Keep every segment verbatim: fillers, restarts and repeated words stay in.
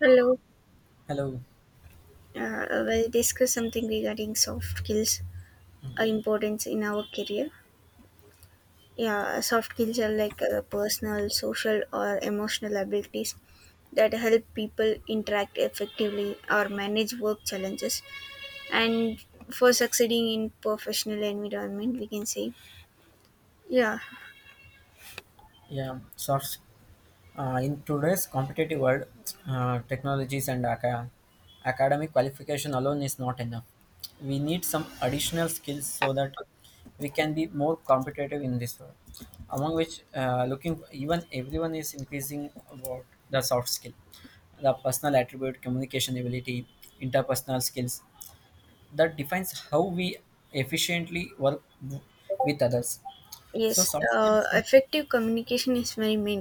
Hello. Hello. Uh, we'll discuss something regarding soft skills uh, importance in our career. Yeah, soft skills are like uh, personal, social, or emotional abilities that help people interact effectively or manage work challenges. And for succeeding in professional environment, we can say, yeah, Yeah. Source. Uh, in today's competitive world, uh, technologies and aca- academic qualification alone is not enough. We need some additional skills so that we can be more competitive in this world. Among which, uh, looking even everyone is increasing about the soft skill, the personal attribute, communication ability, interpersonal skills that defines how we efficiently work w- with others. So yes, soft uh, skills. effective communication is very main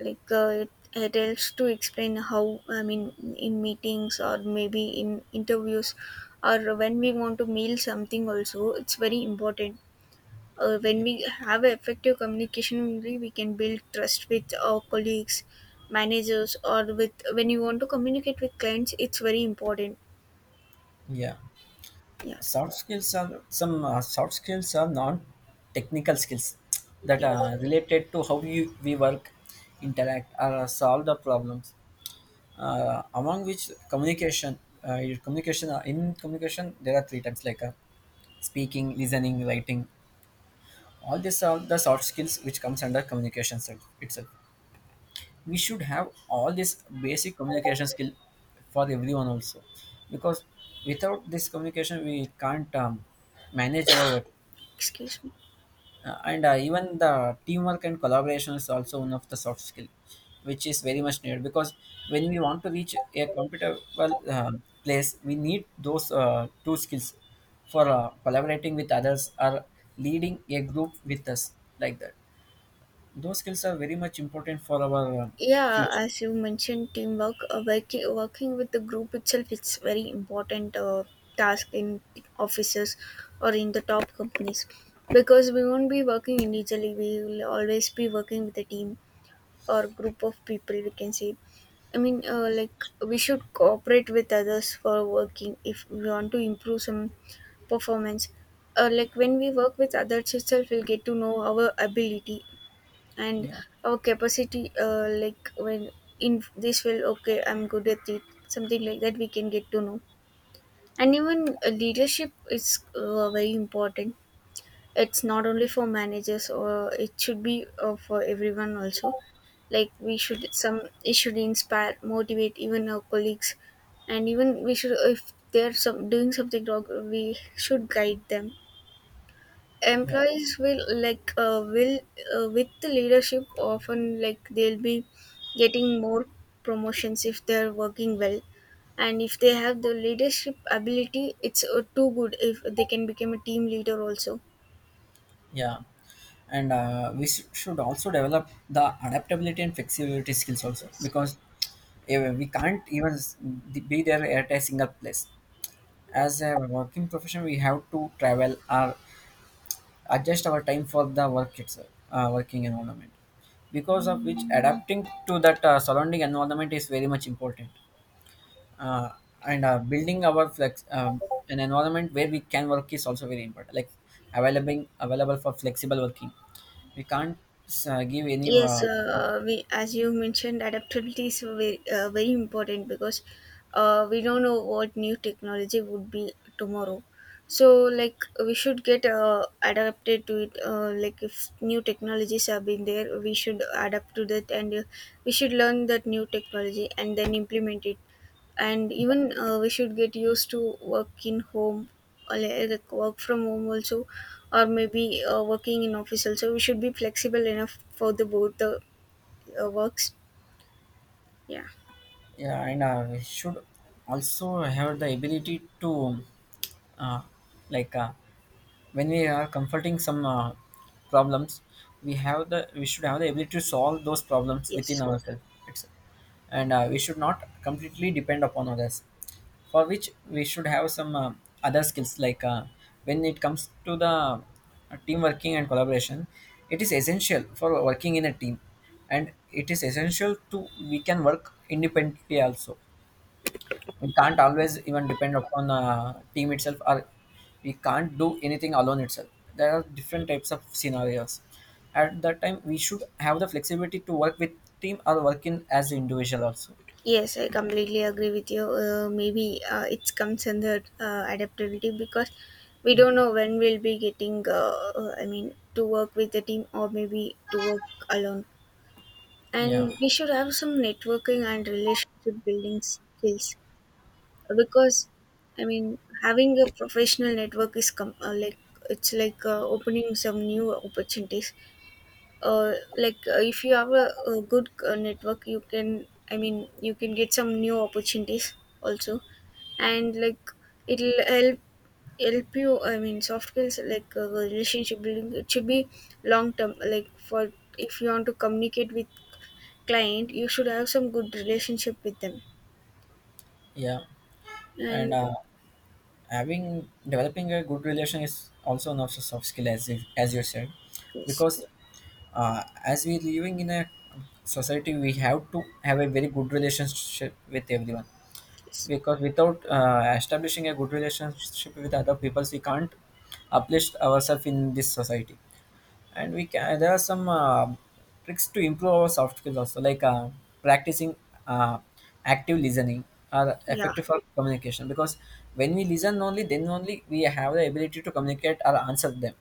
like uh, it, it helps to explain how i mean In meetings or maybe in interviews, or when we want to mail something also, it's very important. Uh, when we have effective communication only, we can build trust with our colleagues, managers, or with when you want to communicate with clients, it's very important. Yeah. Yeah, Soft skills are some uh, soft skills are non-technical skills that yes, are related to how you, we work interact or uh, solve the problems, uh, among which communication, uh, your communication uh, in communication there are three types like, uh, speaking, listening, writing. All these are the soft skills which comes under communication itself itself. We should have all this basic communication skill for everyone also, because without this communication we can't um, manage our work. excuse me. Uh, and uh, Even the teamwork and collaboration is also one of the soft skill, which is very much needed because when we want to reach a comfortable, uh, place, we need those, uh, two skills for, uh, collaborating with others or leading a group with us, like that. Those skills are very much important for our, uh, Yeah, future. as you mentioned, teamwork, uh, working, working with the group itself, it's very important, uh, task in offices or in the top companies, because we won't be working individually. We will always be working with a team or group of people. We can say, I mean, uh, like we should cooperate with others for working if we want to improve some performance. Uh, like when we work with others itself, we'll get to know our ability and Yeah. our capacity. Uh, like when in this will okay I'm good at it, something like that, we can get to know. And even uh, leadership is uh, very important. It's not only for managers, or it should be uh, for everyone also. Like we should, some it should inspire, motivate even our colleagues, and even we should, if they're some doing something wrong, we should guide them. Yeah. Employees will like uh, will uh, with the leadership often, like they'll be getting more promotions if they're working well, and if they have the leadership ability, it's uh, too good if they can become a team leader also. Yeah, and uh, we s- should also develop the adaptability and flexibility skills also, Yes. because eh, we can't even s- be there at a single place. As a working profession, we have to travel or adjust our time for the work itself, uh, working environment, because of which adapting to that, uh, surrounding environment is very much important. Uh, and uh, Building our flex um, an environment where we can work is also very important. Like, available available for flexible working, we can't, uh, give any, Yes, uh, uh, we, as you mentioned, adaptability is very, uh, very important, because uh, we don't know what new technology would be tomorrow. So, like, we should get uh, adapted to it. Uh, like, if new technologies have been there, we should adapt to that, and uh, we should learn that new technology and then implement it. And even uh, we should get used to work in home, or like work from home also, or maybe uh, working in office also. We should be flexible enough for the both the uh, works. Yeah. yeah, and uh, we should also have the ability to, uh, like uh, when we are confronting some, uh, problems, we have the we should have the ability to solve those problems Yes. within ourselves itself. And uh, we should not completely depend upon others, for which we should have some, uh, other skills. Like, uh, when it comes to the, uh, team working and collaboration, it is essential for working in a team, and it is essential to we can work independently also. We can't always even depend upon, uh, team itself, or we can't do anything alone itself. There are different types of scenarios. At that time, we should have the flexibility to work with team or work in as individual also. Yes, I completely agree with you. Uh, maybe uh, It comes under uh, adaptability, because we don't know when we'll be getting uh, uh, I mean to work with the team or maybe to work alone. Yeah. And we should have some networking and relationship building skills, because I mean, having a professional network is com- uh, like, it's like uh, opening some new opportunities. Uh, like uh, if you have a, a good uh, network, you can, I mean, you can get some new opportunities also. And like, it'll help, help you, I mean, soft skills like uh, relationship building, it should be long term. Like for, if you want to communicate with client, you should have some good relationship with them. Yeah, And and uh, having developing a good relation is also not a soft skill, as if, as you said, yes. because, uh, as we living in a society, we have to have a very good relationship with everyone. Yes. Because without, uh, establishing a good relationship with other people, we can't uplift ourselves in this society. And we can there are some, uh, tricks to improve our soft skills also, like, uh, practicing, uh, active listening are Yeah, effective for communication, because when we listen only, then only we have the ability to communicate or answer them.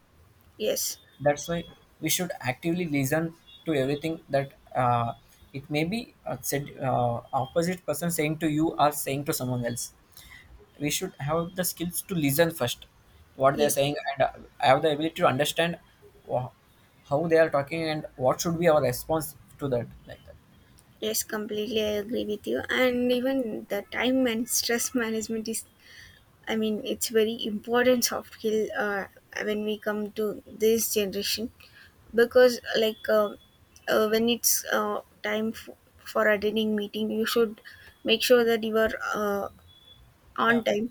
yes, That's why we should actively listen to everything that, uh, it may be uh, said, uh, opposite person saying to you or saying to someone else. We should have the skills to listen first what they're yes, saying, and uh, have the ability to understand wha- how they are talking and what should be our response to that, like that. yes, completely I agree with you. And even the time and stress management is, I mean, it's very important soft skill uh, when we come to this generation because, like, uh, uh, when it's uh, time f- for attending meeting, you should make sure that you are uh, on Yeah. time,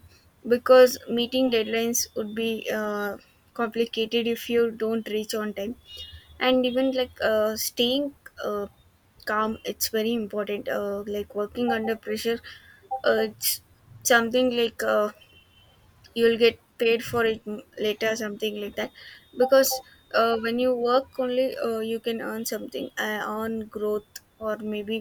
because meeting deadlines would be uh, complicated if you don't reach on time. And even like uh, staying uh, calm, it's very important. Uh, like working under pressure, uh, it's something like uh, you'll get paid for it m- later, something like that. Because uh, when you work only, uh, you can earn something, uh, earn growth, or maybe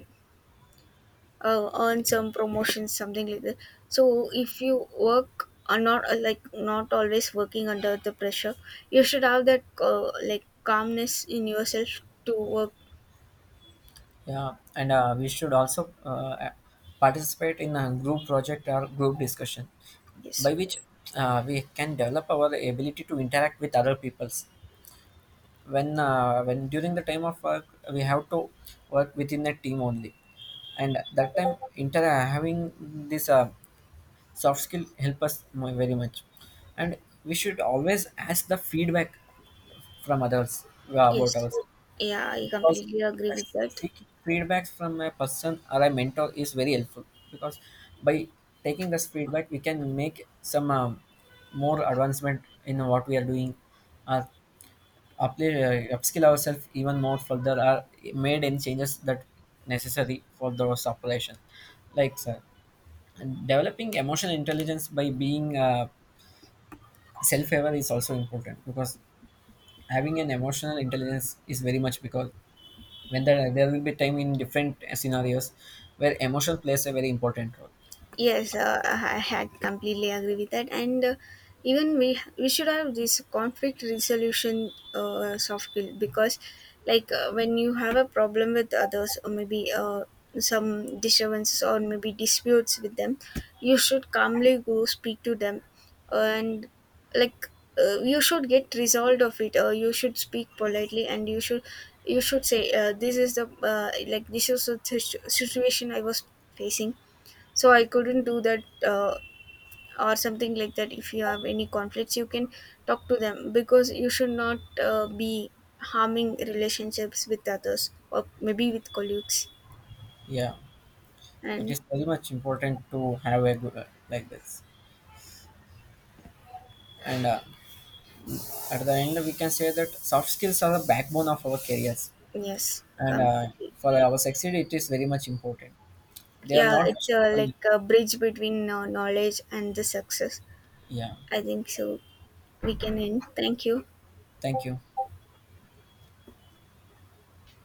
uh, earn some promotions, something like that. So if you work are not uh, like not always working under the pressure, you should have that uh, like calmness in yourself to work. Yeah, and uh, we should also uh, participate in a group project or group discussion, Yes. by which, uh, we can develop our ability to interact with other peoples. When uh, when during the time of work, we have to work within a team only, and that time inter having this, uh, soft skill help us mu- very much. And we should always ask the feedback from others, uh, about Yes. ours. Yeah, I Because, completely agree uh, with that. seeking feedbacks from a person or a mentor is very helpful, because by taking this feedback we can make some um, more advancement in what we are doing, or apply, uh, upskill ourselves even more further, or made any changes that necessary for those operation, like sir. And developing emotional intelligence by being, uh, self aware is also important, because having an emotional intelligence is very much, because when there, there will be time in different scenarios where emotion plays a very important role. Yes, uh, I I had completely agree with that, and uh, even we we should have this conflict resolution uh, soft skill because, like, uh, when you have a problem with others, or maybe uh, some disturbances, or maybe disputes with them, you should calmly go speak to them, and like uh, you should get resolved of it. Or you should speak politely, and you should you should say uh, this is the uh, like this is the situ- situation I was facing, so I couldn't do that, uh, or something like that. If you have any conflicts, you can talk to them, because you should not uh, be harming relationships with others or maybe with colleagues. Yeah, it And is very much important to have a good like this. And uh, at the end, we can say that soft skills are the backbone of our careers. yes, And uh, completely. for our succeed, it is very much important. They are Yeah, not. it's uh, like a bridge between uh, knowledge and the success. Yeah. I think so. We can end. Thank you. Thank you.